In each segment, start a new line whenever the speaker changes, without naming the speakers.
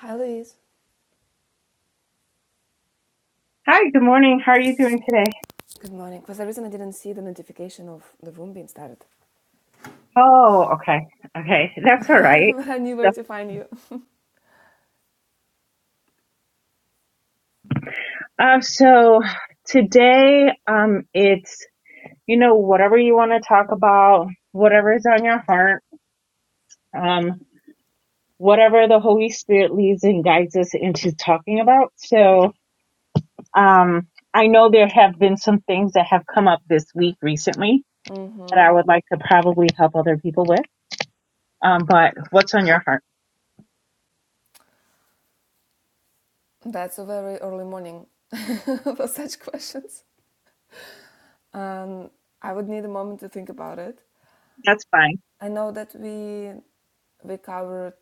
Hi, Louise.
Hi, good morning. How are you doing today?
Good morning. For some reason, I didn't see the notification of the room being started,
Oh, okay. Okay. That's all right.
but I knew
So,
where to find you.
um, so today, um, it's, you know, whatever you want to talk about, whatever is on your heart, um, whatever the Holy Spirit leads and guides us into talking about. So, um, I know there have been some things that have come up this week recently that
hmm
I would like to probably help other people with. Um, but what's on your heart?
That's a very early morning for such questions. Um, I would need a moment to think about it.
That's fine.
I know that we we covered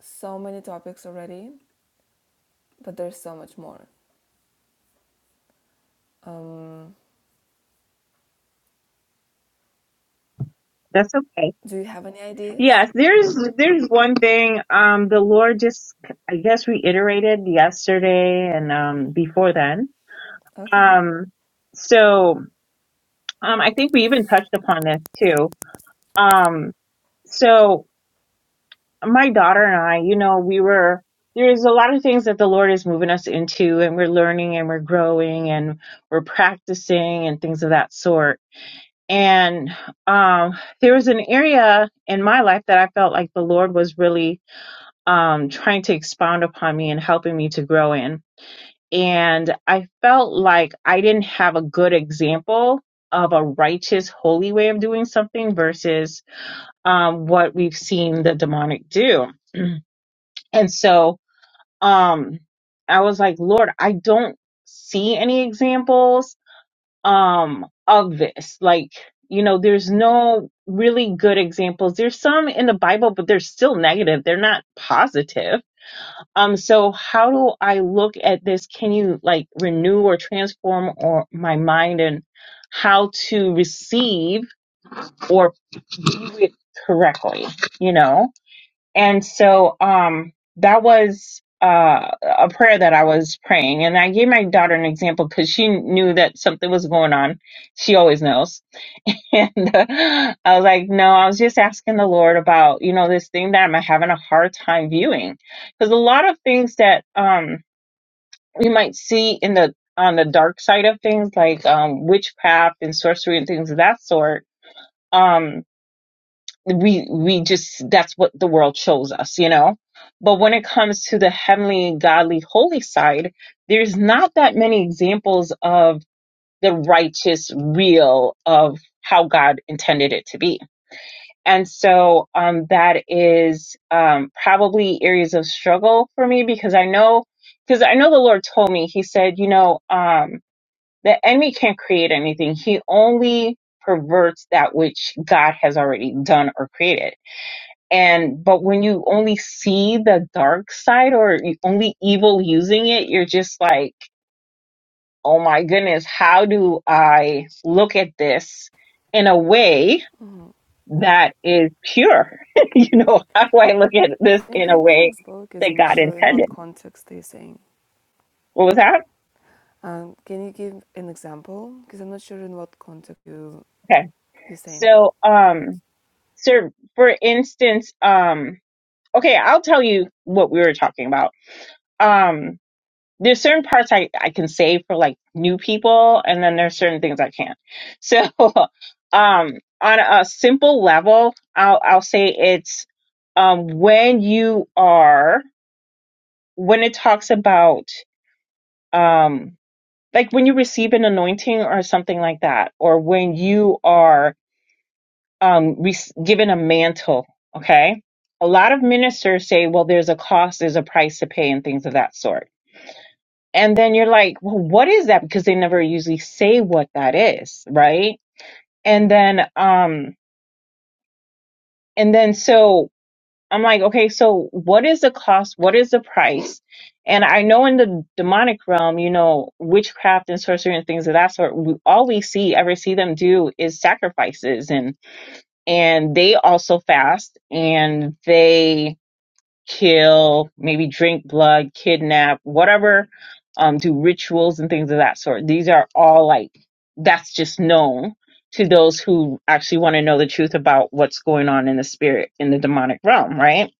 so many topics already, but there's so much more. Um,
That's okay.
do you have any ideas?
Yes, there's there's one thing um the Lord just I guess reiterated yesterday and um before then.
Okay.
Um so um I think we even touched upon this too. Um so my daughter and I, you know, we were there's a lot of things that the Lord is moving us into and we're learning and we're growing and we're practicing and things of that sort. And um there was an area in my life that I felt like the Lord was really um, trying to expound upon me and helping me to grow in. And I felt like I didn't have a good example of a righteous, holy way of doing something versus um, what we've seen the demonic do. And so um, I was like, Lord, I don't see any examples um, of this. Like, you know, there's no really good examples. There's some in the Bible, but they're still negative, they're not positive um, so how do I look at this? Can you like renew or transform or my mind and how to receive or do it correctly, you know? And so um that was uh a prayer that I was praying and I gave my daughter an example because she knew that something was going on. She always knows. And uh, I was like, no, I was just asking the Lord about, you know, this thing that I'm having a hard time viewing. Because a lot of things that um you might see in the on the dark side of things like um witchcraft and sorcery and things of that sort um we we just that's what the world shows us you know but when it comes to the heavenly godly holy side there's not that many examples of the righteous real of how god intended it to be and so um that is um probably areas of struggle for me because i know because i know the lord told me he said you know um the enemy can't create anything. He only perverts that which God has already done or created. And but when you only see the dark side or only evil using it, you're just like, "Oh my goodness, how do I look at this in a way that is pure?" you know, how do I look at this
Can you
in a
give me an
way
example? Because
that
I'm not
God
sure in what
intended?
context they're saying.
What was that?
Um, can you give an example? Because I'm not sure in what context you
Okay.
you're saying.
So, um, so for instance, um, okay, I'll tell you what we were talking about. Um, there's certain parts I, I can say for like new people, and then there's certain things I can't. So, um, on a simple level, I'll I'll say it's um when you are when it talks about um like when you receive an anointing or something like that, or when you are um, re- given a mantle. Okay. A lot of ministers say, well, there's a cost, there's a price to pay, and things of that sort. And then you're like, well, what is that? Because they never usually say what that is. Right. And then, um, and then so I'm like, okay, so what is the cost? What is the price? And I know in the demonic realm, you know, witchcraft and sorcery and things of that sort, we, all we see, ever see them do is sacrifices and. and they also fast and they kill, maybe drink blood, kidnap, whatever, um, do rituals and things of that sort. These are all like, that's just known to those who actually want to know the truth about what's going on in the spirit, in the demonic realm, right?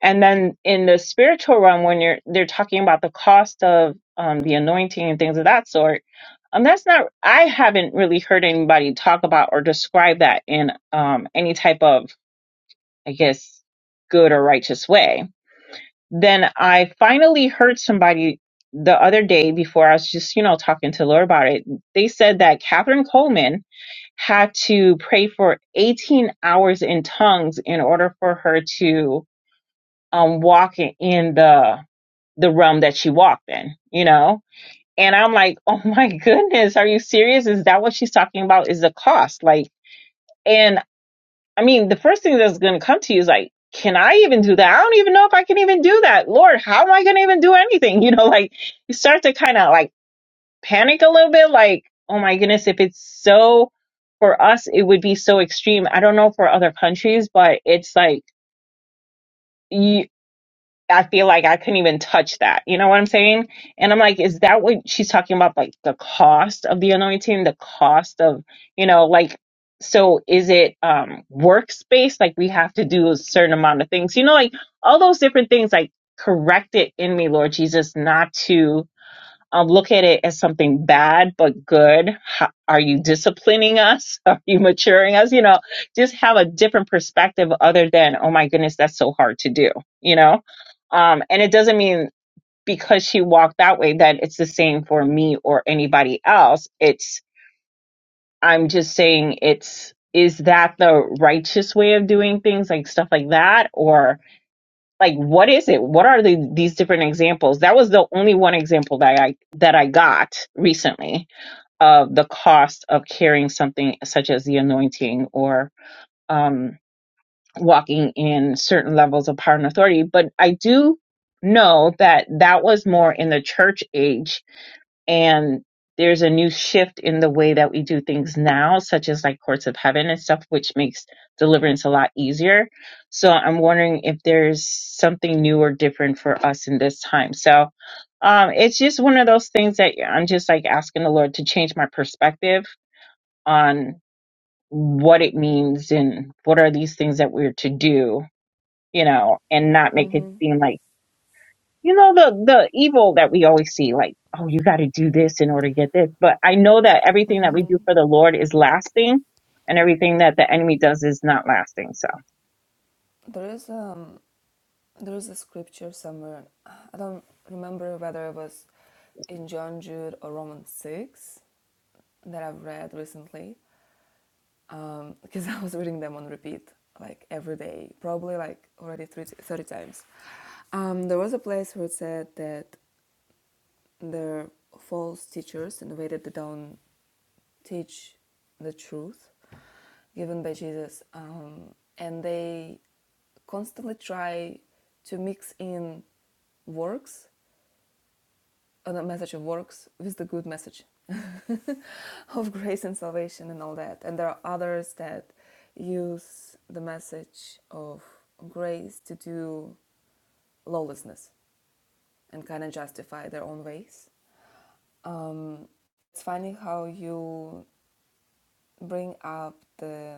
And then in the spiritual realm, when you're, they're talking about the cost of um, the anointing and things of that sort. Um, that's not. I haven't really heard anybody talk about or describe that in um, any type of I guess, good or righteous way. Then I finally heard somebody the other day before I was just, you know, talking to Laura about it. They said that Catherine Coleman had to pray for 18 hours in tongues in order for her to um, walk in in the the realm that she walked in, you know? And I'm like, oh my goodness, are you serious? Is that what she's talking about? Is the cost like? and I mean, the first thing that's going to come to you is like, can I even do that? I don't even know if I can even do that. Lord, how am I going to even do anything? You know, like you start to kind of like panic a little bit, like, oh my goodness, if it's so for us, it would be so extreme. I don't know for other countries, but it's like, you. I feel like I couldn't even touch that. You know what I'm saying? And I'm like, is that what she's talking about? Like the cost of the anointing, the cost of, you know, like, so is it um workspace? Like we have to do a certain amount of things, you know, like all those different things, like correct it in me, Lord Jesus, not to um, look at it as something bad but good. How, are you disciplining us? Are you maturing us? You know, just have a different perspective other than, oh my goodness, that's so hard to do, you know? Um, and it doesn't mean because she walked that way that it's the same for me or anybody else. It's, I'm just saying it's, is that the righteous way of doing things, like stuff like that? Or, like what is it what are the, these different examples that was the only one example that i that i got recently of the cost of carrying something such as the anointing or um walking in certain levels of power and authority but i do know that that was more in the church age and there's a new shift in the way that we do things now, such as like courts of heaven and stuff, which makes deliverance a lot easier. So I'm wondering if there's something new or different for us in this time. So um, it's just one of those things that I'm just like asking the Lord to change my perspective on what it means and what are these things that we're to do, you know, and not make it
Mhm.
seem like you know the the evil that we always see like oh you got to do this in order to get this but i know that everything that we do for the lord is lasting and everything that the enemy does is not lasting so
There is um there is a scripture somewhere. I don't remember whether it was in John Jude or Romans six that I've read recently. Um, because I was reading them on repeat like every day, probably like already 30, 30 times. Um, there was a place where it said that the false teachers in the way that they don't teach the truth given by Jesus. Um, and they constantly try to mix in works, uh, the message of works, with the good message of grace and salvation and all that. And there are others that use the message of grace to do lawlessness and kind of justify their own ways. Um, it's funny how you bring up the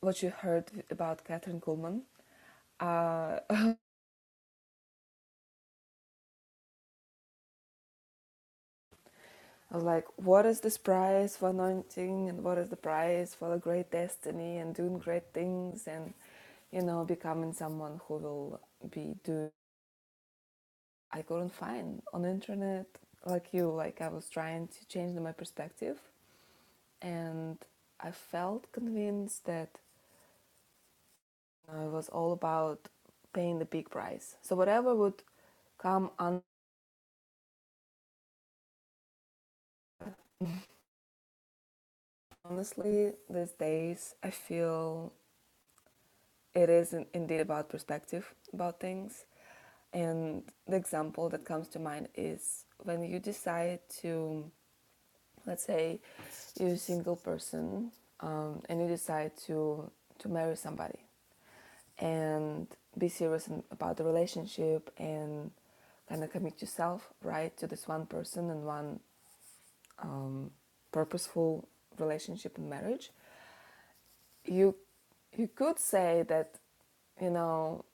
what you heard about Catherine Kuhlman. Uh, like, what is this prize for anointing, and what is the prize for a great destiny, and doing great things, and you know, becoming someone who will be doing. I couldn't find on the internet like you. Like I was trying to change my perspective, and I felt convinced that it was all about paying the big price. So whatever would come, honestly, these days, I feel it is indeed about perspective about things. And the example that comes to mind is when you decide to, let's say, you're a single person um, and you decide to to marry somebody and be serious about the relationship and kind of commit yourself right to this one person and one purposeful relationship and marriage, you you could say that you know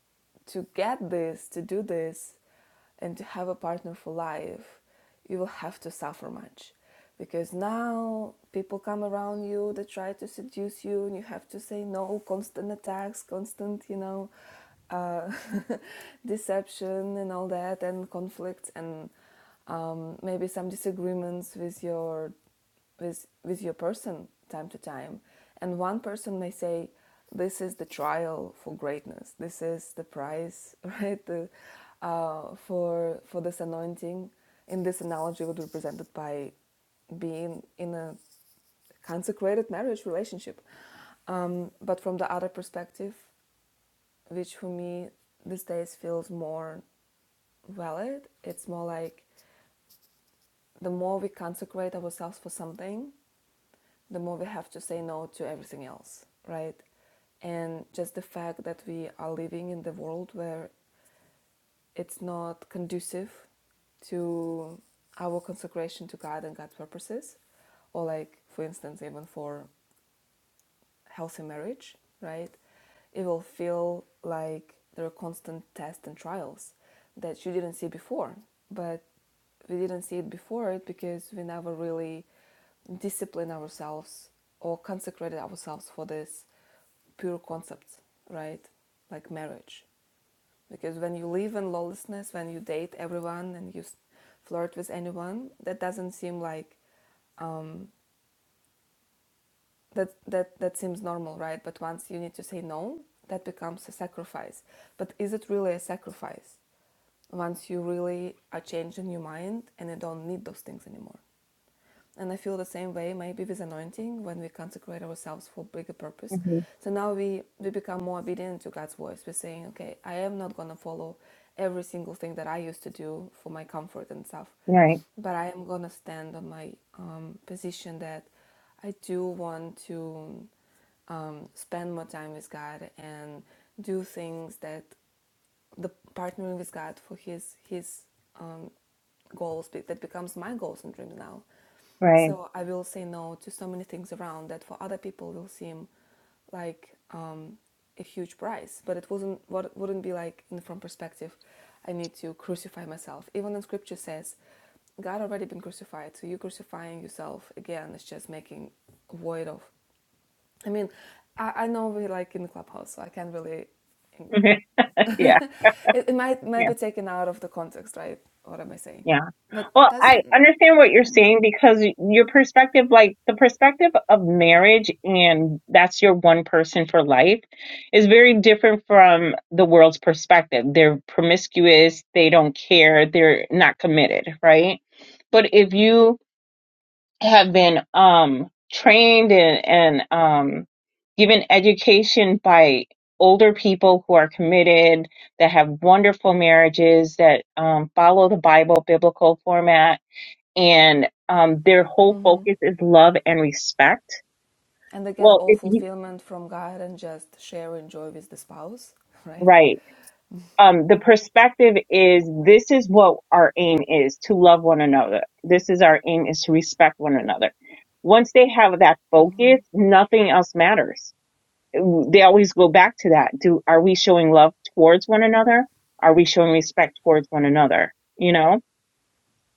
to get this, to do this, and to have a partner for life, you will have to suffer much. Because now people come around you, they try to seduce you, and you have to say no, constant attacks, constant, you know, uh, deception and all that, and conflicts, and um, maybe some disagreements with your with with your person time to time and one person may say this is the trial for greatness this is the prize right the, uh, for for this anointing in this analogy it would be represented by being in a consecrated marriage relationship um, but from the other perspective which for me these days feels more valid it's more like the more we consecrate ourselves for something the more we have to say no to everything else, right? And just the fact that we are living in the world where it's not conducive to our consecration to God and God's purposes, or like, for instance, even for healthy marriage, right? It will feel like there are constant tests and trials that you didn't see before, but we didn't see it before it because we never really disciplined ourselves or consecrated ourselves for this pure concept, right? Like marriage. Because when you live in lawlessness, when you date everyone and you flirt with anyone, that doesn't seem like that that that seems normal right but once you need to say no that becomes a sacrifice but is it really a sacrifice once you really are changing your mind and you don't need those things anymore and I feel the same way maybe with anointing when we consecrate ourselves for bigger purpose.
hmm
So now we, we become more obedient to God's voice. We're saying, okay, I am not going to follow every single thing that I used to do for my comfort and stuff,
Right,
but I am going to stand on my um, position that I do want to um, spend more time with God and do things that the partnering with God for His His um, goals that becomes my goals and dreams now.
right.
So I will say no to so many things around that for other people will seem like um, a huge price, but it wasn't. What wouldn't be like in from perspective. I need to crucify myself. Even in Scripture says, God already been crucified, so you crucifying yourself again is just making void of. I mean, I, I know we like in the clubhouse, so I can't really
yeah
it, it might might
Yeah,
be taken out of the context, right? What am I saying?
yeah.
But
Well, I
doesn't
understand what you're saying because your perspective, like the perspective of marriage, and that's your one person for life, is very different from the world's perspective. They're promiscuous, they don't care, they're not committed, right? But if you have been um, trained and, and um, given education by older people who are committed, that have wonderful marriages, that um, follow the Bible biblical format, and um, their whole focus is love and respect.
and they get
Well,
all
if you,
fulfillment from God and just share and joy with the spouse, right?
right. Um, the perspective is this is what our aim is to love one another. This is our aim is to respect one another. Once they have that focus, nothing else matters they always go back to that. Do are we showing love towards one another? Are we showing respect towards one another? You know?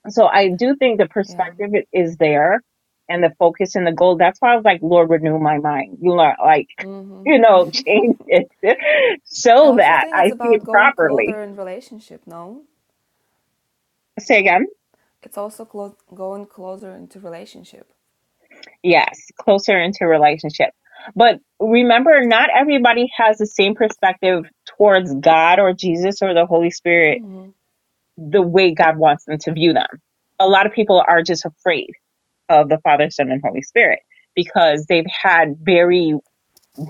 So I do think the
Yeah.
perspective is there and the focus and the goal. That's why I was like, Lord, renew my mind. You know, like, you know, change it
I
so
also
that
think
I
it's
see
about
it
going
properly.
closer in relationship. No,
Say again.
it's also clo- going closer into relationship.
Yes, closer into relationship. But remember, not everybody has the same perspective towards God or Jesus or the Holy Spirit the way God wants them to view them. A lot of people are just afraid of the Father, Son, and Holy Spirit because they've had very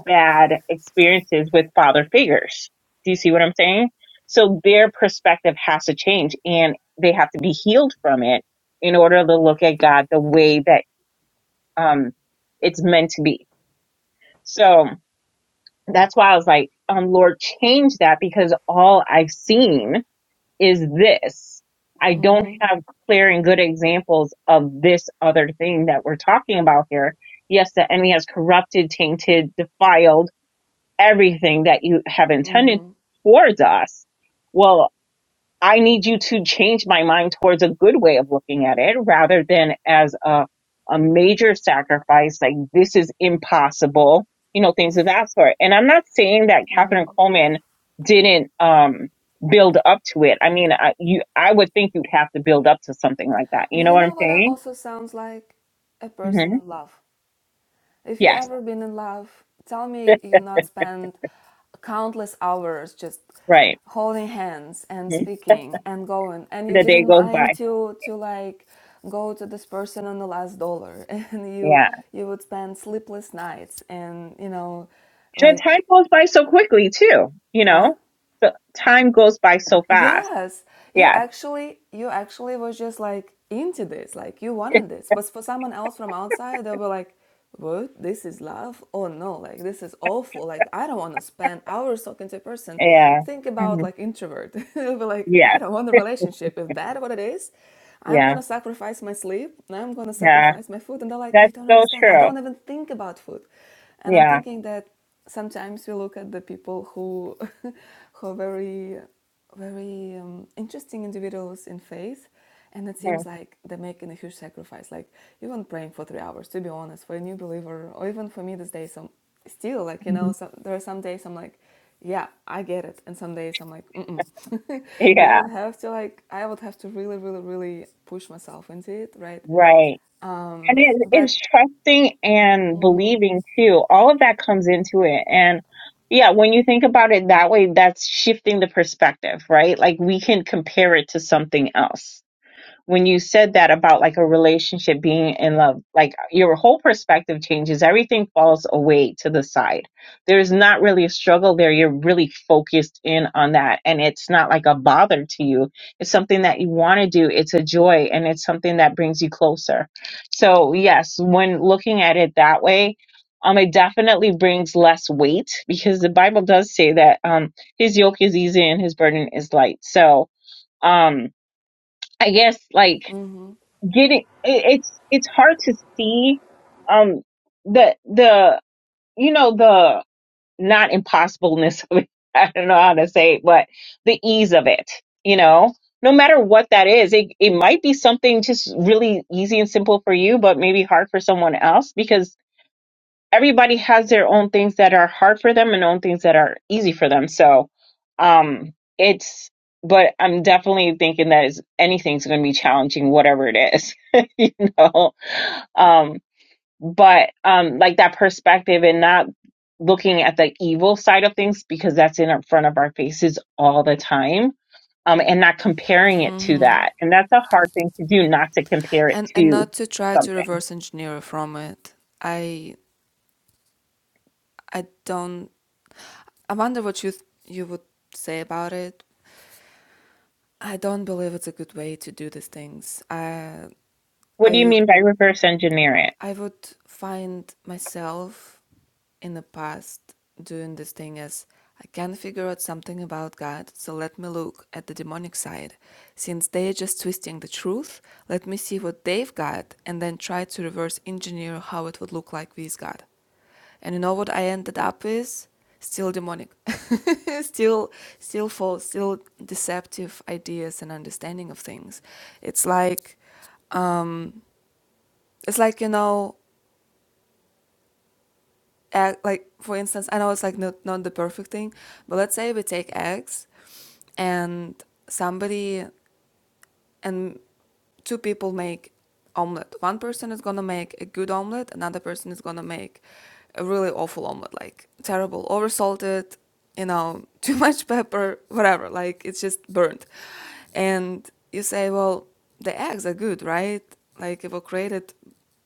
bad experiences with father figures. Do you see what I'm saying? So their perspective has to change and they have to be healed from it in order to look at God the way that um it's meant to be. So that's why I was like, um, Lord, change that because all I've seen is this. I don't have clear and good examples of this other thing that we're talking about here. Yes, the enemy has corrupted, tainted, defiled everything that you have intended towards us. Well, I need you to change my mind towards a good way of looking at it rather than as a, a major sacrifice, like this is impossible, you know, things of that sort. And I'm not saying that Katherine Coleman didn't, um, build up to it. I mean, I, you, I would think you'd have to build up to something like that. You
But
know
you
what
know
I'm
what? It
saying?
also sounds like a person
hmm
in love. If you
Yes.
ever been in love, tell me you not spend countless hours just
Right.
holding hands and
hmm
speaking and going and you
The day
didn't
goes
mind
by.
to to like go to this person on the last dollar and you
Yeah.
you would spend sleepless nights and you know
And the time
like
goes by so quickly too, you
huh?
know, so time goes by so fast.
Yes, you
Yeah.
actually you actually was just like into this, like you wanted this. But for someone else from outside, they were like, "What? This is love? Oh no! Like this is awful! Like I don't want to spend hours talking to a person."
Yeah.
Think about
hmm
like introvert. They'll be like,
Yeah.
"I don't want a relationship. If that what it is, I'm
Yeah.
gonna sacrifice my sleep. and I'm gonna
Yeah.
sacrifice my food." And they're like, "You
That's
don't
so
understand. I
true.
don't even think about food." And I'm
Yeah.
thinking that sometimes we look at the people who who are very very um, interesting individuals in faith and it
Mhm.
seems like they're making a huge sacrifice like even praying for three hours to be honest for a new believer or even for me this day some still like you know
Mhm.
some, there are some days i'm like yeah i get it and some days i'm like Mm-mm. you
Yeah.
would have to like i would have to really really really push myself into it right
Right. And
Um,
it,
but
it's trusting and believing too. All of that comes into it. And yeah, when you think about it that way, that's shifting the perspective, right? Like we can compare it to something else when you said that about like a relationship being in love, like your whole perspective changes. Everything falls away to the side. There's not really a struggle there. You're really focused in on that. And it's not like a bother to you. It's something that you want to do. It's a joy and it's something that brings you closer. So, yes, when looking at it that way, um, it definitely brings less weight because the Bible does say that um, his yoke is easy and his burden is light. So, um, I guess like getting it, it's it's hard to see um the the you know the not impossibleness of it i don't know how to say it but the ease of it you know no matter what that is it, it might be something just really easy and simple for you but maybe hard for someone else because everybody has their own things that are hard for them and own things that are easy for them. So um it's but I'm definitely thinking that is anything's gonna be challenging, whatever it is. you know. Um but um like that perspective and not looking at the evil side of things because that's in front of our faces all the time um and not comparing it to
mm-hmm.
that and that's a hard thing to do not to compare it
and and
to
not to try to
something
reverse engineer from it i i don't i wonder what you th- you would say about it I don't believe it's a good way to do these things. I
what do you
I
mean by reverse engineer it?
I would find myself in the past doing this thing as I can't figure out something about God, so let me look at the demonic side. Since they are just twisting the truth, let me see what they've got and then try to reverse engineer how it would look like with God. And you know what I ended up with? Still demonic. still still false, still deceptive ideas and understanding of things. It's like it's like, you know, egg, like for instance, I know it's like not, not the perfect thing, but let's say we take eggs and somebody and two people make omelet. One person is gonna make a good omelet, another person is gonna make a really awful omelet, like terrible, oversalted, you know, too much pepper, whatever. Like it's just burnt. And you say, well, the eggs are good, right? Like they were created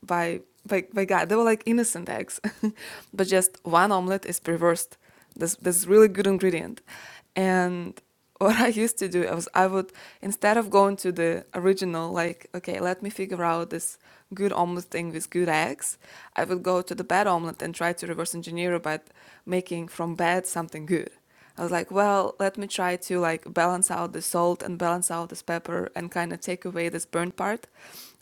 by by, by God. They were like innocent eggs, but just one omelet is perversed. This this really good ingredient, and what I used to do was I would instead of going to the original, like, okay, let me figure out this good omelet thing with good eggs, I would go to the bad omelet and try to reverse engineer it by making from bad something good. I was like, well, let me try to like balance out the salt and balance out this pepper and kind of take away this burnt part.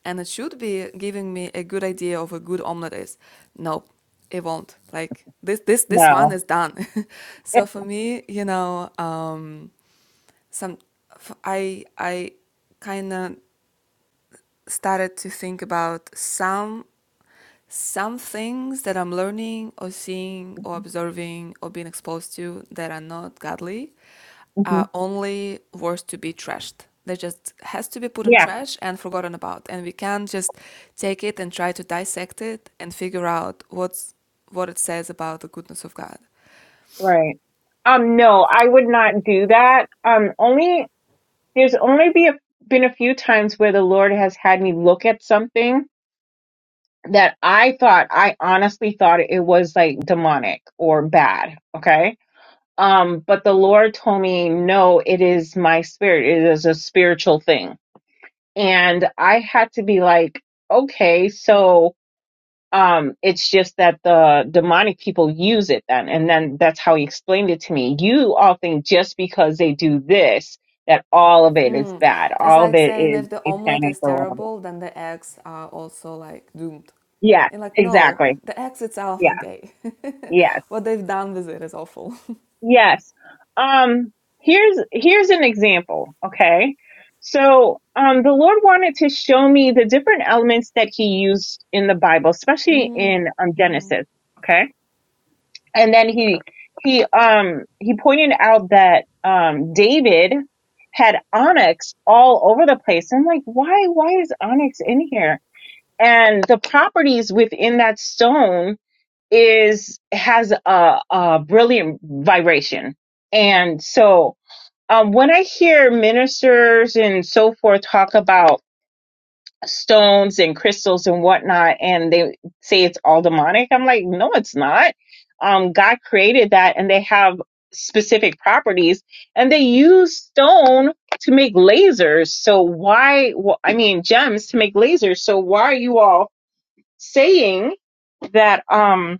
And it should be giving me a good idea of a good omelet is. Nope, it won't. Like this this this one
No.
is done. so for me, you know, um some I I kind of started to think about some some things that i'm learning or seeing or observing or being exposed to that are not godly
Mhm.
are only worth to be trashed they just has to be put in
Yeah,
trash and forgotten about and we can't just take it and try to dissect it and figure out what's what it says about the goodness of god
right. Um, no, I would not do that. Um, only there's only be a, been a few times where the Lord has had me look at something that I thought I honestly thought it was like demonic or bad. Okay. Um, but the Lord told me, no, it is my spirit. It is a spiritual thing. And I had to be like, okay, so, um, it's just that the demonic people use it then. And then that's how he explained it to me. You all think just because they do this, that all of it is
Mm.
bad.
It's
All of
like
it
saying
is
if the omelet
satanic
is
or whatever.
terrible, then the eggs are also like doomed.
Yeah,
And like, no,
exactly.
the eggs itself
Yeah.
are gay.
Yeah.
what they've done with it is awful.
Yes. Um here's here's an example, okay? So, um the Lord wanted to show me the different elements that he used in the Bible, especially
Mm.
in um Genesis, okay? And then he he um he pointed out that um David had onyx all over the place. I'm like, "Why why is onyx in here?" And the properties within that stone is has a, a brilliant vibration. And so um, when I hear ministers and so forth talk about stones and crystals and whatnot, and they say it's all demonic, I'm like, no, it's not. Um, God created that, and they have specific properties, and they use stone to make lasers. So why? wh- I mean, gems to make lasers. So why are you all saying that? Um,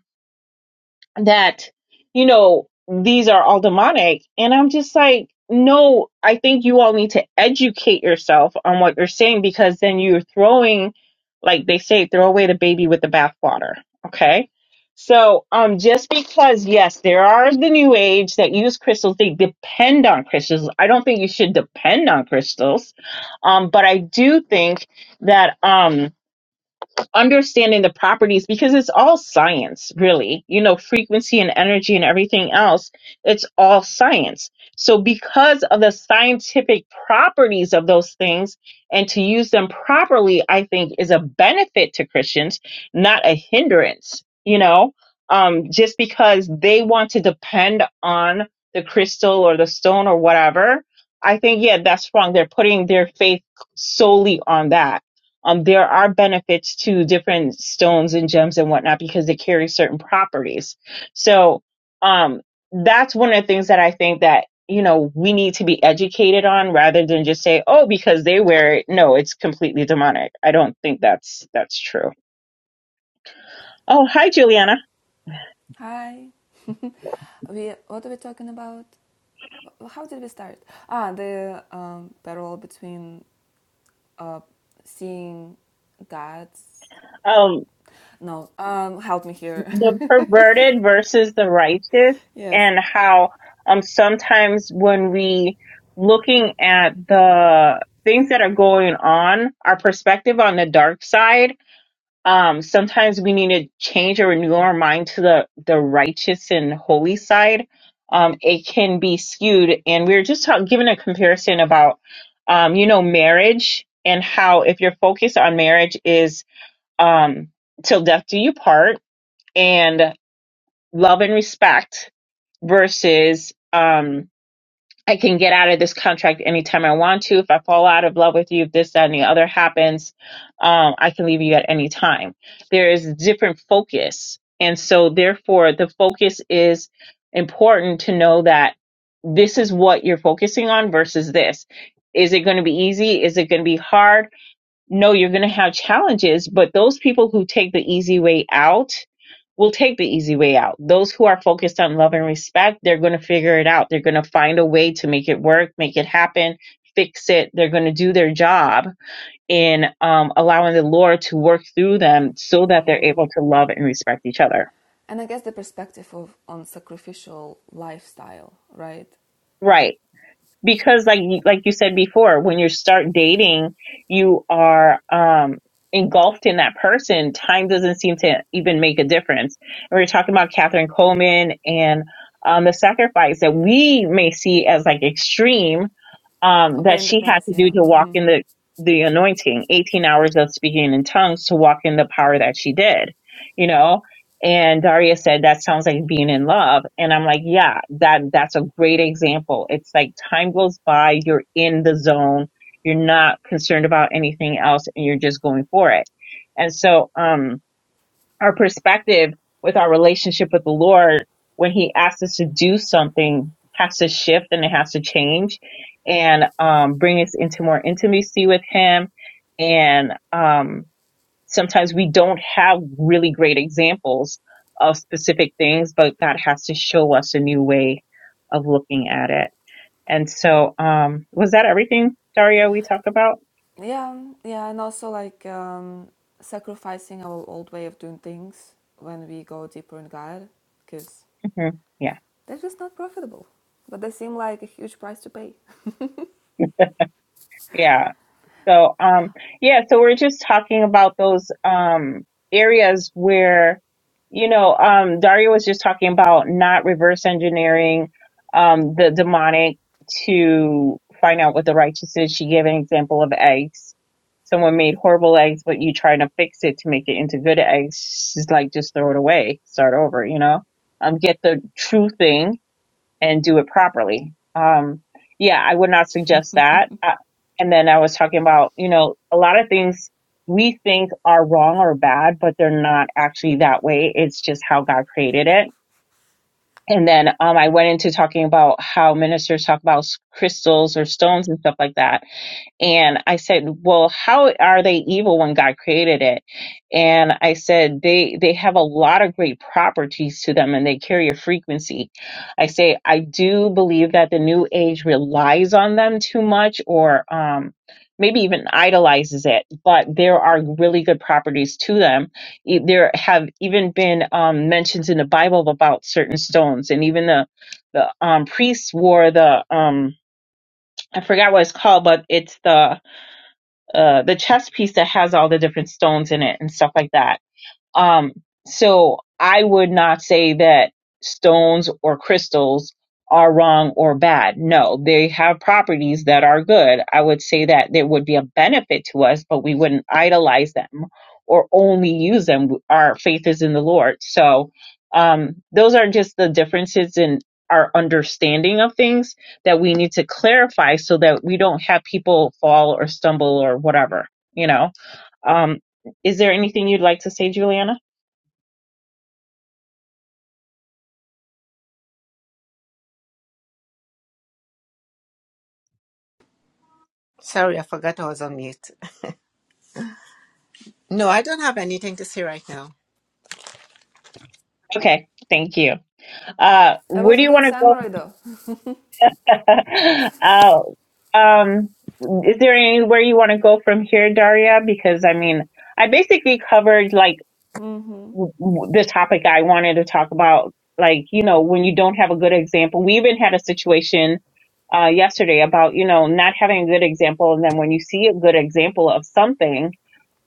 that you know these are all demonic and i'm just like no i think you all need to educate yourself on what you're saying because then you're throwing like they say throw away the baby with the bathwater okay so um just because yes there are the new age that use crystals they depend on crystals i don't think you should depend on crystals um but i do think that um understanding the properties because it's all science, really. You know, frequency and energy and everything else, it's all science. So, because of the scientific properties of those things and to use them properly, I think is a benefit to Christians, not a hindrance, you know, um, just because they want to depend on the crystal or the stone or whatever. I think, yeah, that's wrong. They're putting their faith solely on that um, there are benefits to different stones and gems and whatnot because they carry certain properties. So, um, that's one of the things that I think that, you know, we need to be educated on rather than just say, oh, because they wear it. No, it's completely demonic. I don't think that's, that's true. Oh, hi, Juliana.
Hi. we what are we talking about? How did we start? Ah, the um, parallel between uh, seeing God's.
Um,
No, um, help me here.
the perverted versus the righteous
yes.
and how um sometimes when we looking at the things that are going on our perspective on the dark side um sometimes we need to change or renew our mind to the the righteous and holy side um it can be skewed and we were just talk- giving a comparison about um you know marriage and how if your focus on marriage is um till death do you part and love and respect versus um I can get out of this contract anytime I want to. If I fall out of love with you, if this, that, and the other happens, um, I can leave you at any time. There is different focus. And so therefore the focus is important to know that this is what you're focusing on versus this. Is it going to be easy? Is it going to be hard? no, you're going to have challenges, but those people who take the easy way out will take the easy way out. Those who are focused on love and respect, they're going to figure it out. They're going to find a way to make it work, make it happen, fix it. They're going to do their job in um, allowing the Lord to work through them so that they're able to love and respect each other.
And I guess the perspective of on sacrificial lifestyle, right?
Right. because like like you said before when you start dating you are um engulfed in that person time doesn't seem to even make a difference and we were talking about Katherine Coleman and um the sacrifice that we may see as like extreme um
Or
that
paying the
she had
price,
to do
yeah.
to walk
hmm
in the the anointing 18 hours of speaking in tongues to walk in the power that she did you know and Daria said, that sounds like being in love. And I'm like, yeah, that, that's a great example. It's like time goes by. You're in the zone. You're not concerned about anything else and you're just going for it. And so, um, our perspective with our relationship with the Lord, when he asks us to do something has to shift and it has to change and, um, bring us into more intimacy with him and, um, sometimes we don't have really great examples of specific things, but God has to show us a new way of looking at it. And so, um, was that everything, Daria? we talked about?
Yeah, yeah, and also like um, sacrificing our old way of doing things when we go deeper in God, because
hmm Yeah.
they're just not profitable. But they seem like a huge price to pay.
Yeah. So, um, yeah, so we're just talking about those um, areas where, you know, um, Daria was just talking about not reverse engineering um, the demonic to find out what the righteous is. She gave an example of eggs. Someone made horrible eggs, but you trying to fix it to make it into good eggs. She's like, just throw it away, start over, you know? Um, get the true thing and do it properly. Um, yeah, I would not suggest that. Uh, and then I was talking about, you know, a lot of things we think are wrong or bad, but they're not actually that way. It's just how God created it. And then um, I went into talking about how ministers talk about s- crystals or stones and stuff like that and I said, "Well, how are they evil when God created it?" And I said, "They they have a lot of great properties to them, and they carry a frequency." I say, "I do believe that the New Age relies on them too much, or um, maybe even idolizes it, but there are really good properties to them. E- There have even been um, mentions in the Bible about certain stones, and even the the um, priests wore the um, I forgot what it's called, but it's the uh, the chess piece that has all the different stones in it and stuff like that. Um, so I would not say that stones or crystals are wrong or bad. No, they have properties that are good. I would say that there would be a benefit to us, but we wouldn't idolize them or only use them. Our faith is in the Lord. So, um, those are just the differences in our understanding of things that we need to clarify so that we don't have people fall or stumble or whatever, you know? Um, is there anything you'd like to say, Juliana?
Sorry, I forgot I was on mute. No, I don't have anything to say right now.
Okay, thank you. Uh,
It
where
was
do
a
you
good
want to go?
samurai though.
uh, um, is there anywhere you want to go from here, Daria? Because I mean, I basically covered like w- w- the topic I wanted to talk about. Like, you know, when you don't have a good example, we even had a situation uh, yesterday about, you know, not having a good example. And then when you see a good example of something,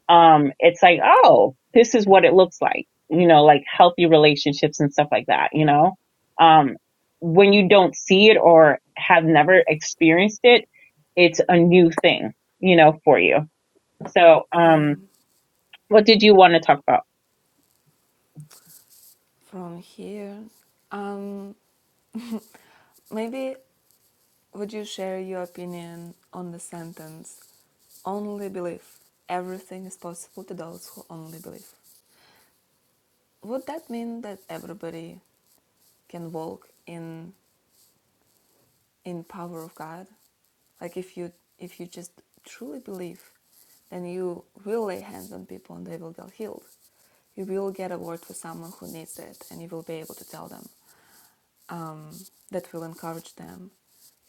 um, it's like, oh, this is what it looks like, you know, like healthy relationships and stuff like that, you know? Um, when you don't see it or have never experienced it, it's a new thing, you know, for you. So,
Yeah.
um, what did you want to talk about?
From here, um, maybe would you share your opinion on the sentence "only believe"? Everything is possible to those who only believe. Would that mean that everybody can walk in in power of God. Like if you if you just truly believe, then you will lay hands on people and they will get healed. You will get a word for someone who needs it, and you will be able to tell them. Um, that will encourage them.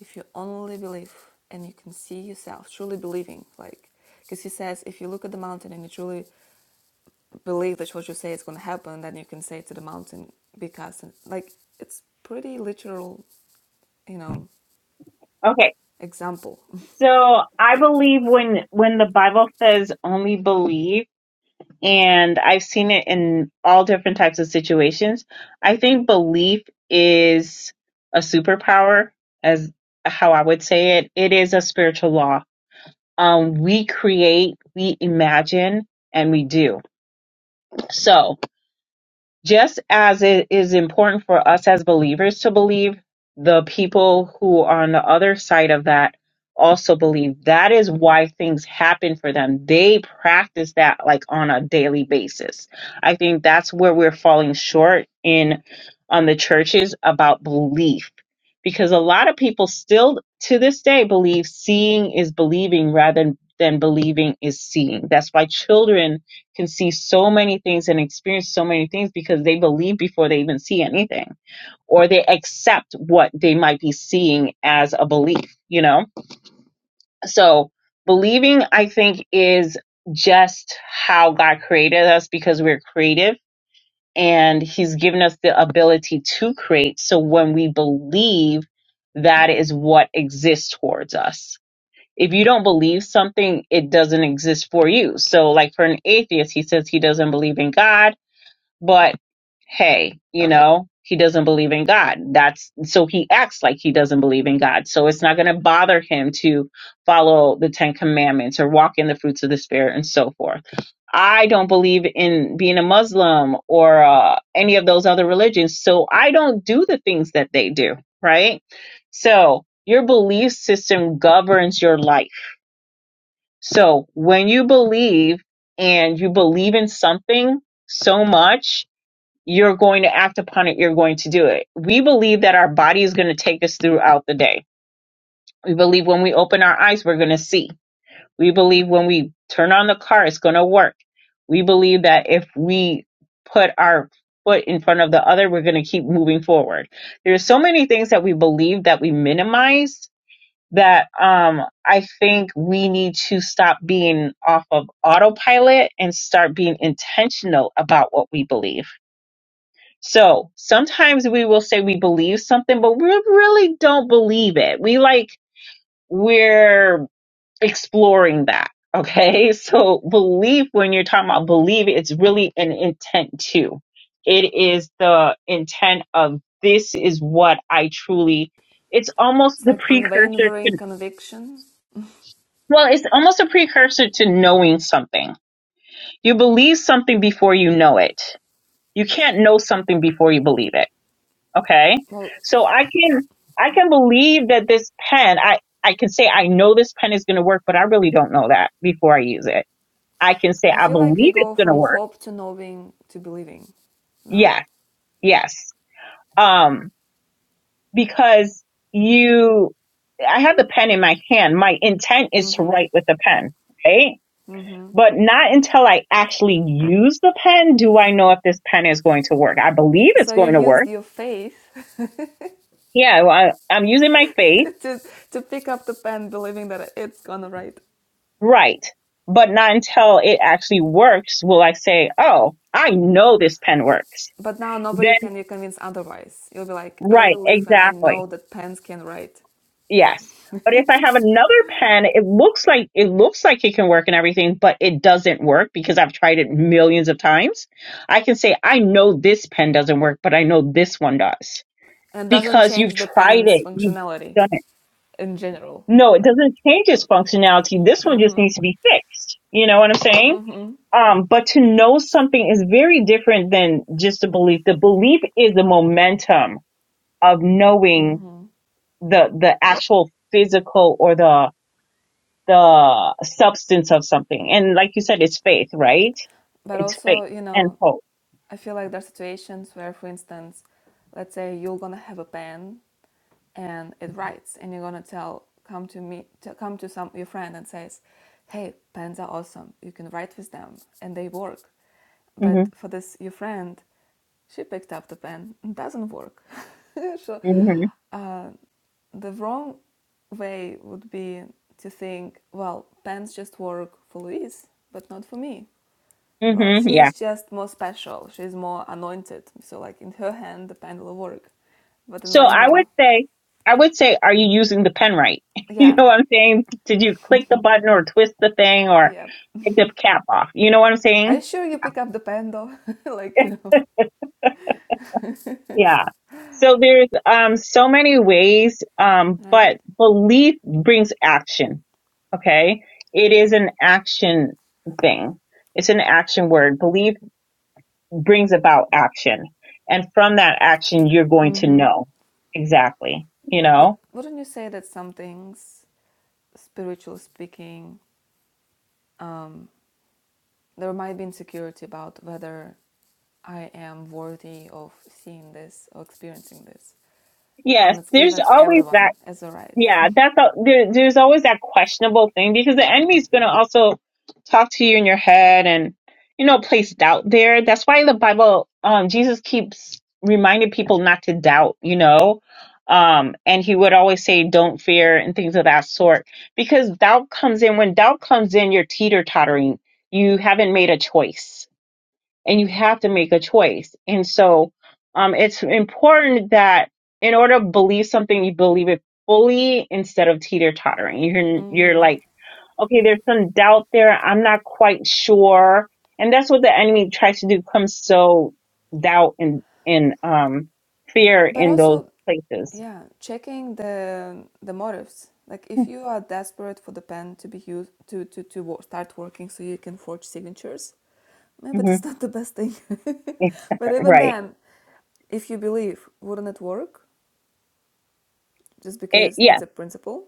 If you only believe and you can see yourself truly believing, like because he says if you look at the mountain and you truly believe that what you say is going to happen, then you can say to the mountain because like it's pretty literal, you know,
Okay.
example.
So I believe when when the Bible says only believe and I've seen it in all different types of situations, I think belief is a superpower as how I would say it. It is a spiritual law. Um we create, we imagine and we do. So just as it is important for us as believers to believe, the people who are on the other side of that also believe. That is why things happen for them. They practice that like on a daily basis. I think that's where we're falling short in on the churches about belief because a lot of people still to this day believe seeing is believing rather than believing is seeing. That's why children can see so many things and experience so many things because they believe before they even see anything or they accept what they might be seeing as a belief, you know? So believing, I think, is just how God created us because we're creative and He's given us the ability to create. So when we believe, that is what exists towards us. If you don't believe something, it doesn't exist for you. So, like for an atheist, he says he doesn't believe in God but hey, you know, he doesn't believe in God. That's so he acts like he doesn't believe in God. So it's not going to bother him to follow the 10 commandments or walk in the fruits of the spirit and so forth. I don't believe in being a Muslim or uh, any of those other religions. So I don't do the things that they do, right? So your belief system governs your life. So when you believe and you believe in something so much, you're going to act upon it, you're going to do it. We believe that our body is going to take us throughout the day. We believe when we open our eyes, we're going to see. We believe when we turn on the car, it's going to work. We believe that if we put our foot in front of the other, we're going to keep moving forward. There's so many things that we believe that we minimize that um, I think we need to stop being off of autopilot and start being intentional about what we believe so sometimes we will say we believe something, but we really don't believe it. We like, we're exploring that. Okay. So belief, when you're talking about believe, it's really an intent too. It is the intent of this is what I truly, it's almost
It's
the
like
precursor
unwavering
to,
conviction.
well, it's almost a precursor to knowing something. You believe something before you know it. You can't know something before you believe it Okay.
Well,
So I can I can believe that this pen I I can say I know this pen is going to work, but I really don't know that before I use it. I can say
I
I
feel like we
believe it's
go
going to
from
work.
hope to knowing to believing. No?
Yes. Yes. Um because you I have the pen in my hand. My intent is to
Mm-hmm.
write with the pen, right?
Mm-hmm.
But not until I actually use the pen do I know if this pen is going to work. I believe it's
So you
going to work.
used your faith
Yeah, well, I, I'm using my faith
to, to pick up the pen believing that it's gonna write.
Right. But not until it actually works will I say, oh, I know this pen works.
But now
Then,
nobody can you convince otherwise. You'll be like, I
right,
believe and I
exactly.
know that pens can write.
Yes. But if I have another pen, it looks like it looks like it can work and everything, but it doesn't work because I've tried it millions of times. I can say I know this pen doesn't work, but I know this one does
And it doesn't
because you've
change the
tried
pen's
it, you've
functionality
done it.
in general.
No, it doesn't change its functionality. This one just needs to be fixed. You know what I'm saying? Um, but to know something is very different than just a belief. The belief is the momentum of knowing the, the actual physical or the, the substance of something. And like you said, it's faith, right?
but
It's
also
faith
you
and
know
hope.
i feel like there are situations where for instance let's say you're gonna have a pen and it writes and you're gonna tell come to me to come to some your friend and says hey pens are awesome you can write with them and they work
hmm
but for this your friend she picked up the pen and doesn't work so
hmm
uh, the wrong way would be to think well pens just work for louise but not for me well,
hmm Yeah.
she's just more special. She's more anointed. So, like, in her hand, the pendle will work. But in
So
mine,
I would
no.
say, I would say, are you using the pen right? You
Yeah,
know what I'm saying? Did you click the button or twist the thing or
yeah.
take the cap off? You know what I'm
Are you
saying?
sure you pick up the pendle? like, you know,
Yeah. So there's um so many ways, um,
right?
but belief brings action. Okay. It is an action thing. It's an action word. Belief brings about action. And from that action, you're going to
Mm-hmm.
know exactly, you know?
But wouldn't you say that some things, spiritually speaking, um, there might be insecurity about whether I am worthy of seeing this or experiencing this?
Yes,
And it's
there's
given to
always that
everyone as a right.
Yeah, that's a, there, there's always that questionable thing because the enemy's going to also talk to you in your head and you know place doubt there. That's why the Bible, um, Jesus keeps reminding people not to doubt. You know, um, and he would always say, "Don't fear" and things of that sort because doubt comes in. When doubt comes in, you're teeter tottering. You haven't made a choice and you have to make a choice. And so um, it's important that in order to believe something, you believe it fully instead of teeter tottering. You're you're like, okay, there's some doubt there. I'm not quite sure, and that's what the enemy tries to do: come sow doubt and and um, fear
But
in those
also,
places.
yeah, checking the the motives. Like if you are desperate for the pen to be used to to to wo- start working so you can forge signatures, maybe
hmm
that's not the best thing. but even
Right.
then, if you believe, wouldn't it work? Just
It,
because
yes.
it's a principle.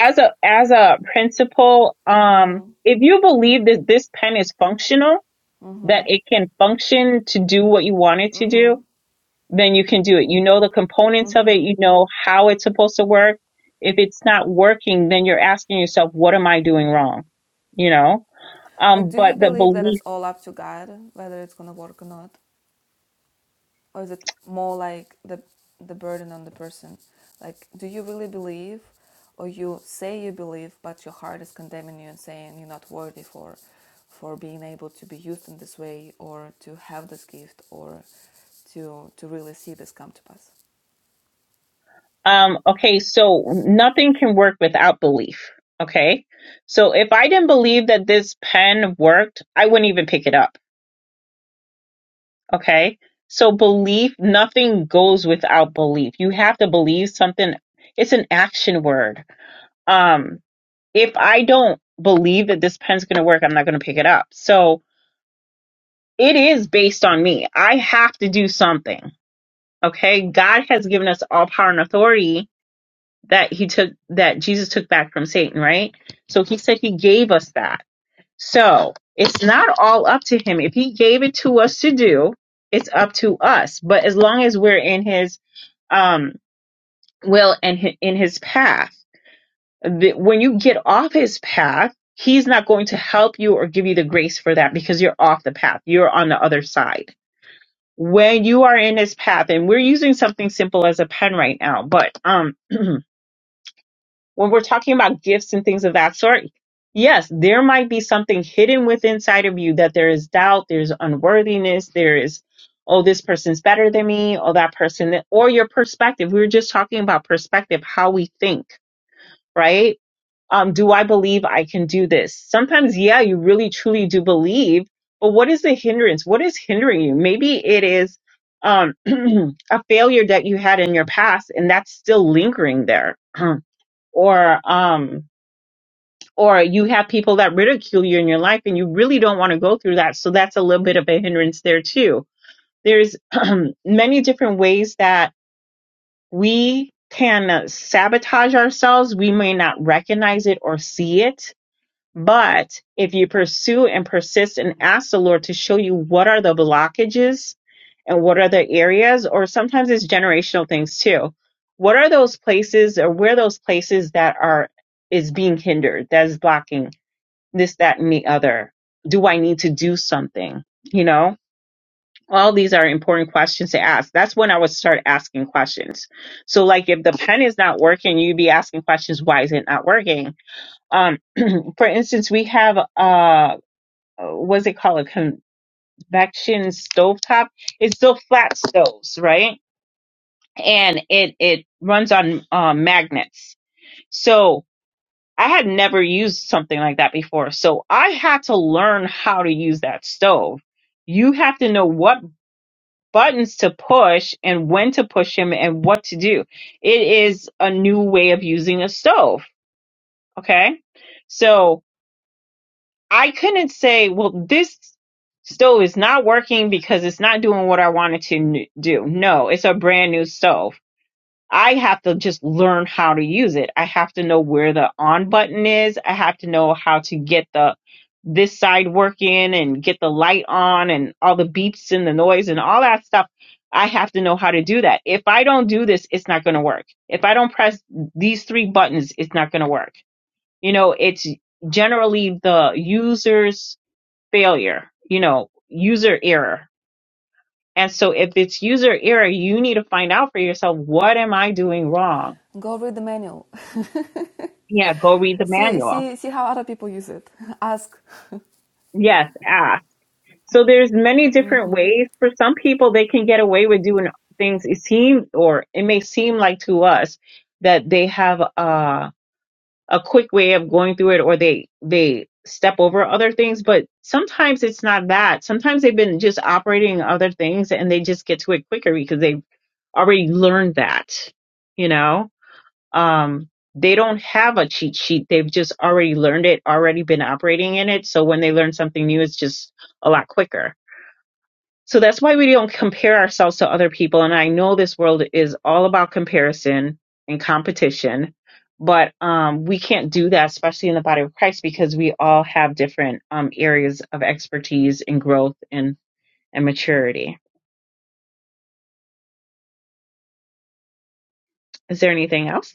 As a as a principle, um, if you believe that this pen is functional that it can function to do what you want it to do, then you can do it. You know the components of it, you know how it's supposed to work. If it's not working, then you're asking yourself, what am I doing wrong? You know?
Like,
Um,
do
but
you
the
believe that
belief,
it's all up to God whether it's gonna work or not? or is it more like the the burden on the person like do you really believe or you say you believe but your heart is condemning you and saying you're not worthy for for being able to be used in this way or to have this gift or to to really see this come to pass
um, okay, so nothing can work without belief. Okay. So if I didn't believe that this pen worked, I wouldn't even pick it up. Okay. So belief, nothing goes without belief. You have to believe something. It's an action word. Um, if I don't believe that this pen's going to work, I'm not going to pick it up. So it is based on me. I have to do something. Okay. God has given us all power and authority that he took, that Jesus took back from Satan, right? So he said he gave us that. So it's not all up to him. If he gave it to us to do, it's up to us. But as long as we're in his, um, will and hi- in his path, the, when you get off his path, he's not going to help you or give you the grace for that because you're off the path. You're on the other side. When you are in his path, and we're using something simple as a pen right now, but um, when we're talking about gifts and things of that sort, yes, there might be something hidden within inside of you that there is doubt, there's unworthiness, there is, oh, this person's better than me, or that person, or your perspective. We were just talking about perspective, how we think right? Um, do I believe I can do this? Sometimes, yeah, you really truly do believe, but what is the hindrance? What is hindering you? Maybe it is um, a failure that you had in your past, and that's still lingering there. or um, or you have people that ridicule you in your life, and you really don't want to go through that. So that's a little bit of a hindrance there too. There's many different ways that we can sabotage ourselves. We may not recognize it or see it but if you pursue and persist and ask the Lord to show you what are the blockages and what are the areas, or sometimes it's generational things too. What are those places or where are those places that are is being hindered, that is blocking this, that, and the other? Do I need to do something? You know? All these are important questions to ask. That's when I would start asking questions. So like if the pen is not working, you'd be asking questions, why is it not working? Um, for instance, we have uh uh, what's it called a convection stovetop it's still flat stoves right and it it runs on uh, magnets so i had never used something like that before so i had to learn how to use that stove you have to know what buttons to push and when to push them and what to do it is a new way of using a stove okay so I couldn't say, well, this stove is not working because it's not doing what I wanted to n- do. No, it's a brand new stove. I have to just learn how to use it. I have to know where the on button is. I have to know how to get the this side working and get the light on and all the beeps and the noise and all that stuff. I have to know how to do that. If I don't do this, it's not going to work. If I don't press these three buttons, it's not going to work. You know, it's generally the user's failure, you know, user error. And so if it's user error, you need to find out for yourself, what am I doing wrong?
go read the manual
Yeah, go read the
see
manual.
see see how other people use it ask
Yes, ask. So there's many different ways. For some people, they can get away with doing things. It seems, or it may seem like to us that they have a, a quick way of going through it or they, they step over other things, but sometimes it's not that. Sometimes they've been just operating other things and they just get to it quicker because they already learned that, you know? Um, they don't have a cheat sheet. They've just already learned it, already been operating in it. So when they learn something new, it's just a lot quicker. So that's why we don't compare ourselves to other people. And I know this world is all about comparison and competition, but um, we can't do that, especially in the body of Christ, because we all have different um, areas of expertise and growth and, and maturity. Is there anything else?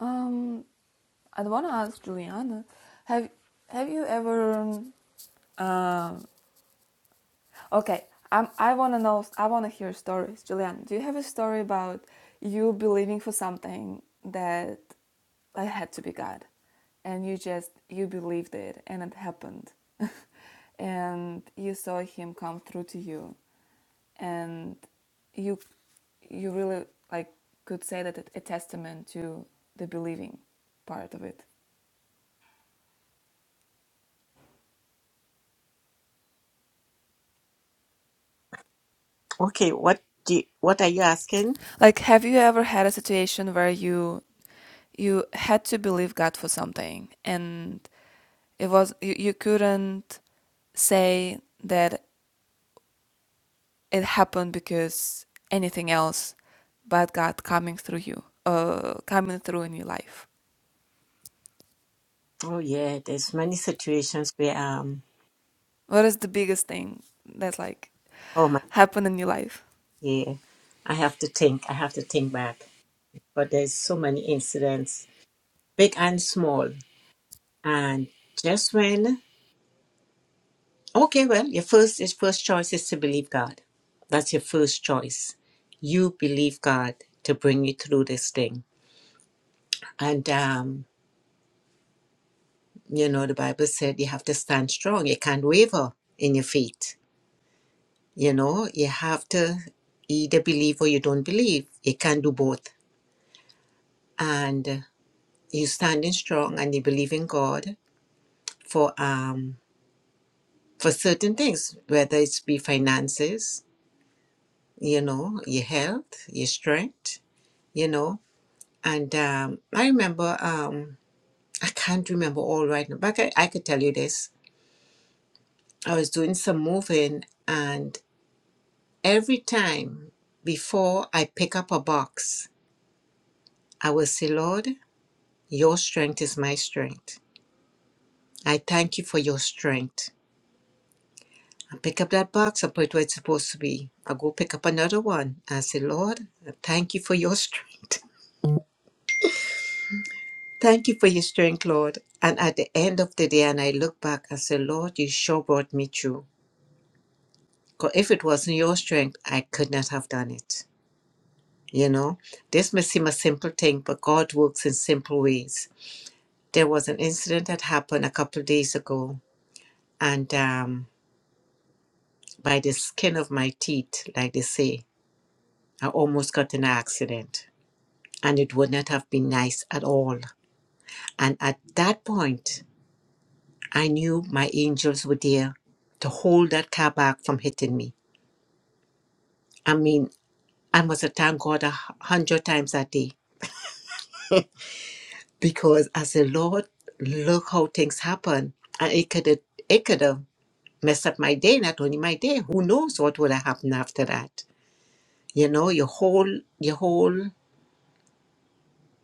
um i want to ask juliana have have you ever um, uh, Okay, I'm, I want to know, I want to hear stories. Julian, do you have a story about you believing for something that like, had to be God? And you just, you believed it and it happened. and you saw him come through to you. And you, you really like could say that it, a testament to the believing part of it.
Okay, what do you, what are you asking?
Like, have you ever had a situation where you you had to believe God for something and it was you, you couldn't say that it happened because anything else but God coming through you, uh, coming through in your life?
Oh yeah, there's many situations where um
What is the biggest thing that like
oh my
happened in your life?
dear, I have to think, I have to think back. But there's so many incidents, big and small. And just when okay, well, your first your first choice is to believe God. That's your first choice. You believe God to bring you through this thing. And um You know, the Bible said you have to stand strong. You can't waver in your faith. You know, you have to either believe or you don't believe. You can't do both. And uh, you're standing strong and you believe in God for um for certain things, whether it's be finances, you know, your health, your strength, you know. And um I remember um I can't remember all right now, but I, I could tell you this. I was doing some moving and. Every time before I pick up a box, I will say, Lord, your strength is my strength. I thank you for your strength. I pick up that box, I put it where it's supposed to be. I go pick up another one. I say, Lord, I thank you for your strength. Thank you for your strength, Lord. And at the end of the day, and I look back, I say, Lord, you sure brought me through. Because if it wasn't your strength, I could not have done it. You know, this may seem a simple thing, but God works in simple ways There was an incident that happened a couple of days ago, and um, by the skin of my teeth, like they say, I almost got in an accident, and it would not have been nice at all. And at that point, I knew my angels were there to hold that car back from hitting me. I mean, I must have thanked God a hu- hundred times that day because I said, Lord, look how things happen, and it could have, it could have messed up my day, not only my day. Who knows what would have happened after that? you know your whole your whole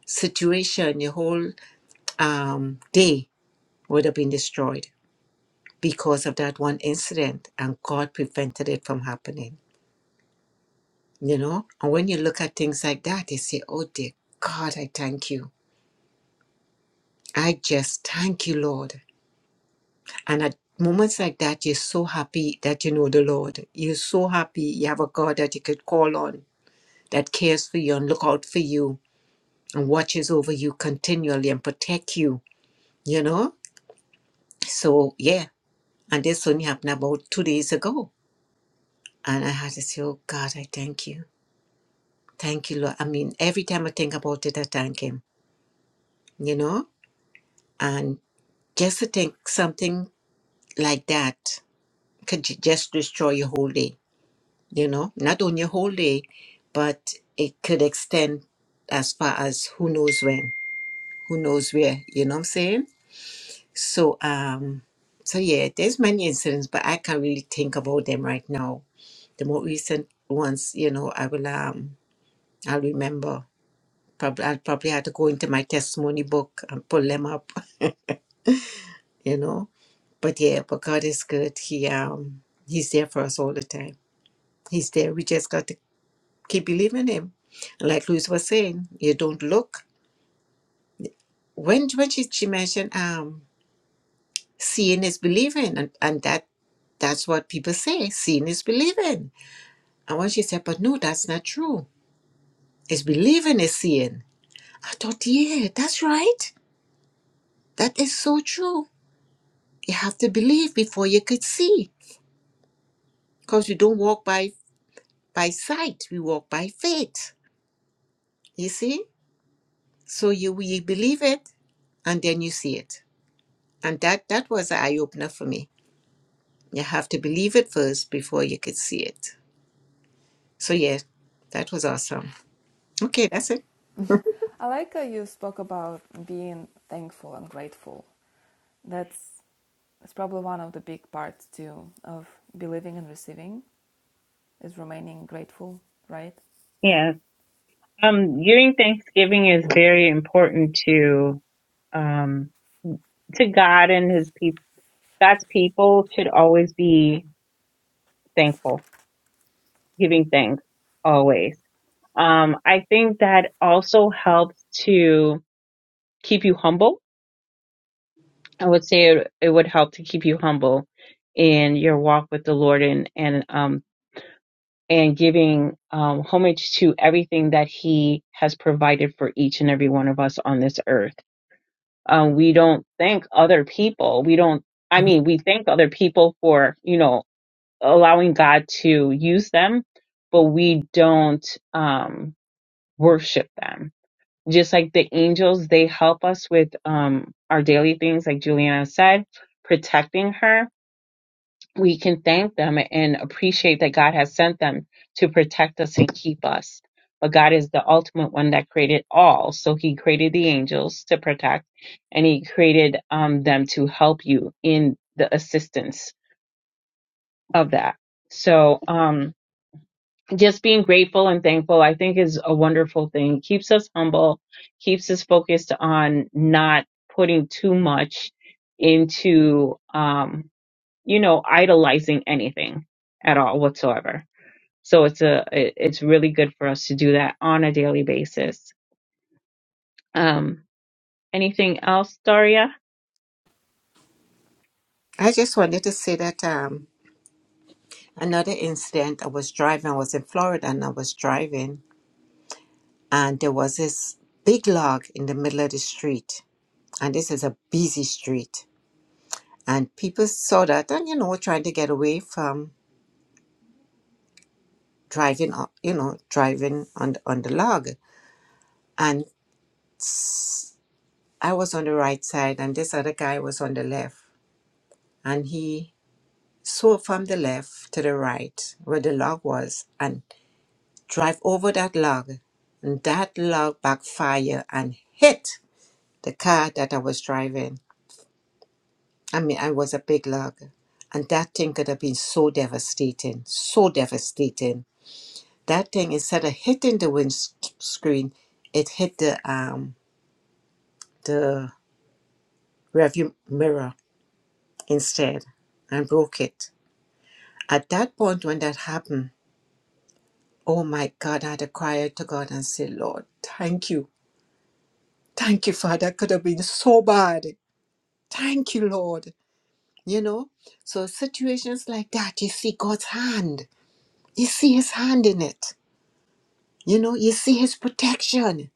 situation your whole um, day would have been destroyed because of that one incident and god prevented it from happening you know and when you look at things like that you say oh dear god i thank you i just thank you lord and at moments like that you're so happy that you know the lord you're so happy you have a god that you could call on that cares for you and look out for you and watches over you continually and protect you you know So yeah, and this only happened about two days ago. And I had to say, Oh God, I thank you. Thank you, Lord. I mean, every time I think about it, I thank him, you know? And just to think something like that could ju- just destroy your whole day, you know? Not only your whole day, but it could extend as far as who knows when, who knows where, you know what I'm saying? So um so yeah, there's many incidents, but I can't really think about them right now the more recent ones, you know, I will um I'll remember. Probably I'll probably have to go into my testimony book and pull them up, you know. But yeah, but God is good. He um He's there for us all the time. He's there. We just got to keep believing him. And like Louise was saying, you don't look. When when she, she mentioned um seeing is believing and, and that that's what people say, seeing is believing. And when she said, But no, that's not true. It's believing is seeing. I thought, yeah, that's right. That is so true. You have to believe before you could see, because we don't walk by by sight. We walk by faith. You see, so you you believe it, and then you see it, and that that was an eye opener for me. You have to believe it first before you could see it. So yeah, that was awesome. Okay, that's it.
I like how you spoke about being thankful and grateful. That's that's probably one of the big parts too of believing and receiving. Is Romania grateful, right?
Yes. Um, giving thanksgiving is very important to um, to God and His people. God's people should always be thankful, giving thanks always. Um, I think that also helps to keep you humble I would say it, it would help to keep you humble in your walk with the Lord and and um and giving um, homage to everything that He has provided for each and every one of us on this earth. Um, we don't thank other people. We don't. I mean, we thank other people for you know allowing God to use them, but we don't um, worship them. Just like the angels, they help us with um, our daily things, like Juliana said, protecting her we can thank them and appreciate that God has sent them to protect us and keep us. But God is the ultimate one that created all. So He created the angels to protect, and He created um, them to help you in the assistance of that. So um, just being grateful and thankful, I think, is a wonderful thing. Keeps us humble, keeps us focused on not putting too much into. Um, you know, idolizing anything at all whatsoever. So it's a it- it's really good for us to do that on a daily basis. Um, anything else, Daria?
I just wanted to say that um, another incident. I was driving. I was in Florida, and I was driving, and there was this big log in the middle of the street and this is a busy street. And people saw that and, you know, trying to get away from driving, up- you know, driving on the, on the log. And I was on the right side and this other guy was on the left. And he swerved from the left to the right where the log was and drive over that log. And that log backfire and hit the car that I was driving. I mean, I was a big log. And that thing could have been so devastating, so devastating That thing instead of hitting the windscreen, it hit the um the rearview mirror instead and broke it. At that point when that happened, oh my God, I had to cry out to God and say, Lord, thank you. Thank you, Father. That could have been so bad. Thank you, Lord. You know? So situations like that, you see God's hand. You see his hand in it. You know, you see his protection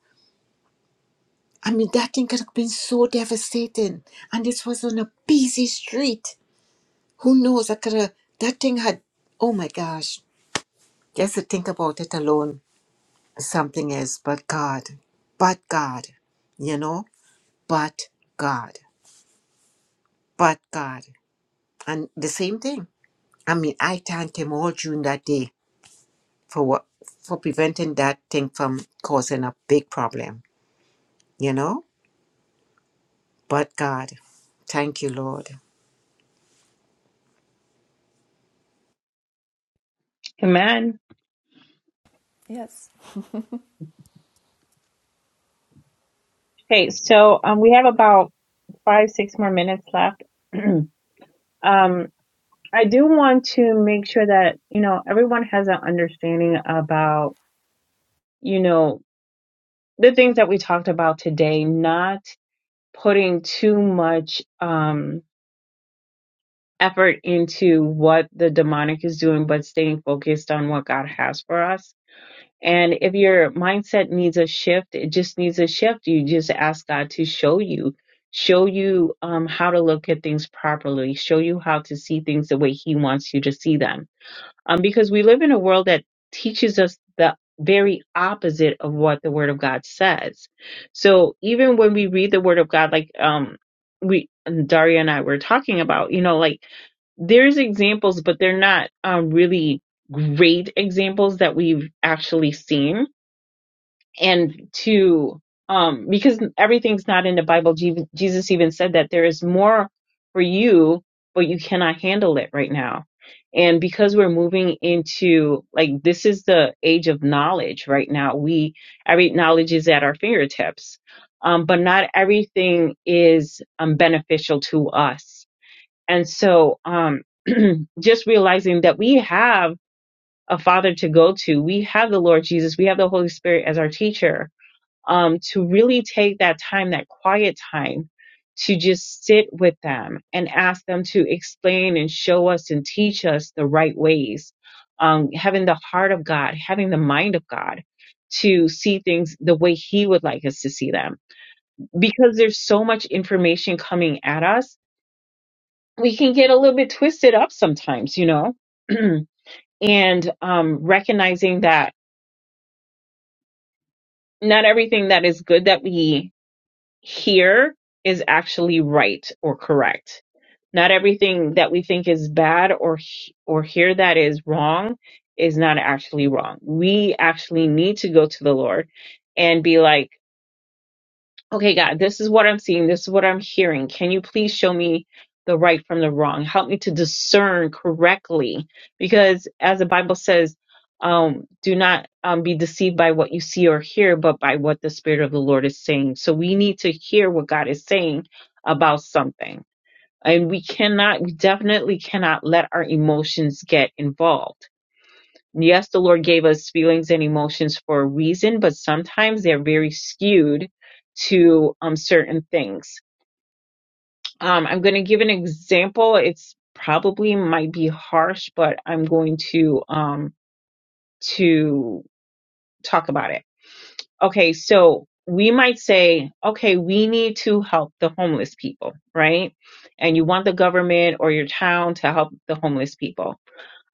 I mean, that thing could have been so devastating. And this was on a busy street. Who knows? I could have, that thing had, oh my gosh. Just to think about it alone, something is, but God, but God, you know, but God, but God. And the same thing. I mean, I thanked him all during that day for what, for preventing that thing from causing a big problem, you know, but God. Thank you, Lord.
Amen.
Yes.
Okay, so um, we have about five, six more minutes left. um, I do want to make sure that you know everyone has an understanding about you know the things that we talked about today, not putting too much um, effort into what the demonic is doing, but staying focused on what God has for us. And if your mindset needs a shift, it just needs a shift. You just ask God to show you, show you um, how to look at things properly, show you how to see things the way He wants you to see them um, because we live in a world that teaches us the very opposite of what the Word of God says. So even when we read the Word of God, like um, we Daria and I were talking about, you know, like there's examples, but they're not um, really great examples that we've actually seen and to um because everything's not in the bible Je- jesus even said that there is more for you but you cannot handle it right now and because we're moving into like this is the age of knowledge right now we every knowledge is at our fingertips um but not everything is um beneficial to us and so um just realizing that we have a father to go to we have the lord jesus we have the holy spirit as our teacher um, to really take that time, that quiet time, to just sit with them and ask them to explain and show us and teach us the right ways. Um, having the heart of God, having the mind of God to see things the way He would like us to see them. Because there's so much information coming at us, we can get a little bit twisted up sometimes, you know? and um, recognizing that not everything that is good that we here is actually right or correct. Not everything that we think is bad or he- or here that is wrong is not actually wrong. We actually need to go to the Lord and be like okay, God, this is what I'm seeing. This is what I'm hearing. Can you please show me the right from the wrong? Help me to discern correctly. Because as the Bible says, um, do not um, be deceived by what you see or hear, but by what the Spirit of the Lord is saying. So we need to hear what God is saying about something. And we cannot, we definitely cannot let our emotions get involved yes, the Lord gave us feelings and emotions for a reason, but sometimes they're very skewed to um, certain things. Um, I'm going to give an example. It's probably might be harsh, but I'm going to um, to talk about it. Okay, so we might say, okay, we need to help the homeless people, right? And you want the government or your town to help the homeless people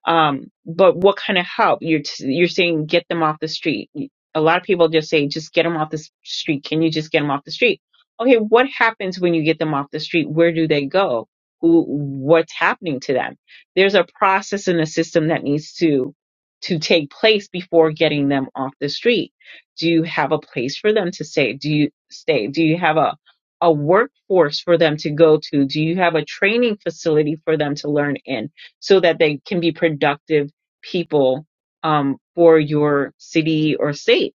Um, but what kind of help? You're t- you're saying get them off the street. A lot of people just say just get them off the s- street. Can you just get them off the street? Okay, what happens when you get them off the street? Where do they go? Who? What's happening to them? There's a process in the system that needs to to take place before getting them off the street. Do you have a place for them to stay? Do you stay? Do you have a a workforce for them to go to? Do you have a training facility for them to learn in? so that they can be productive people um, for your city or state.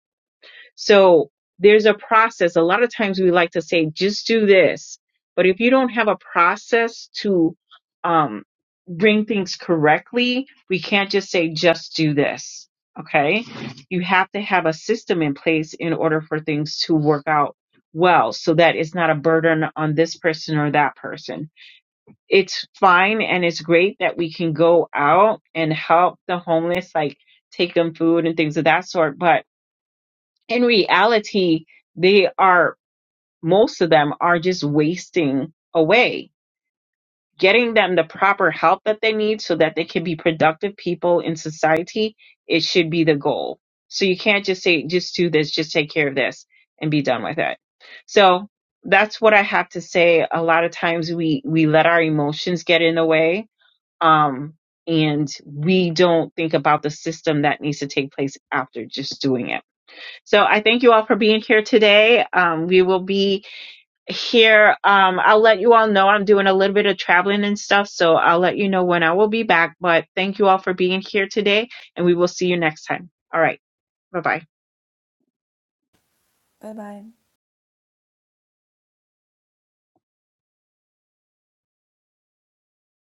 So there's a process. A lot of times we like to say, just do this. But if you don't have a process to um, bring things correctly, we can't just say, just do this. Okay. You have to have a system in place in order for things to work out well so that it's not a burden on this person or that person it's fine and it's great that we can go out and help the homeless, like take them food and things of that sort. But in reality, they are, most of them are just wasting away. Getting them the proper help that they need so that they can be productive people in society, it should be the goal. So you can't just say, just do this, just take care of this and be done with it. So that's what I have to say. A lot of times we, we let our emotions get in the way um, and we don't think about the system that needs to take place after just doing it. So I thank you all for being here today. Um, we will be here. Um, I'll let you all know I'm doing a little bit of traveling and stuff, so I'll let you know when I will be back. But thank you all for being here today, and we will see you next time. All right, bye bye.
Bye bye.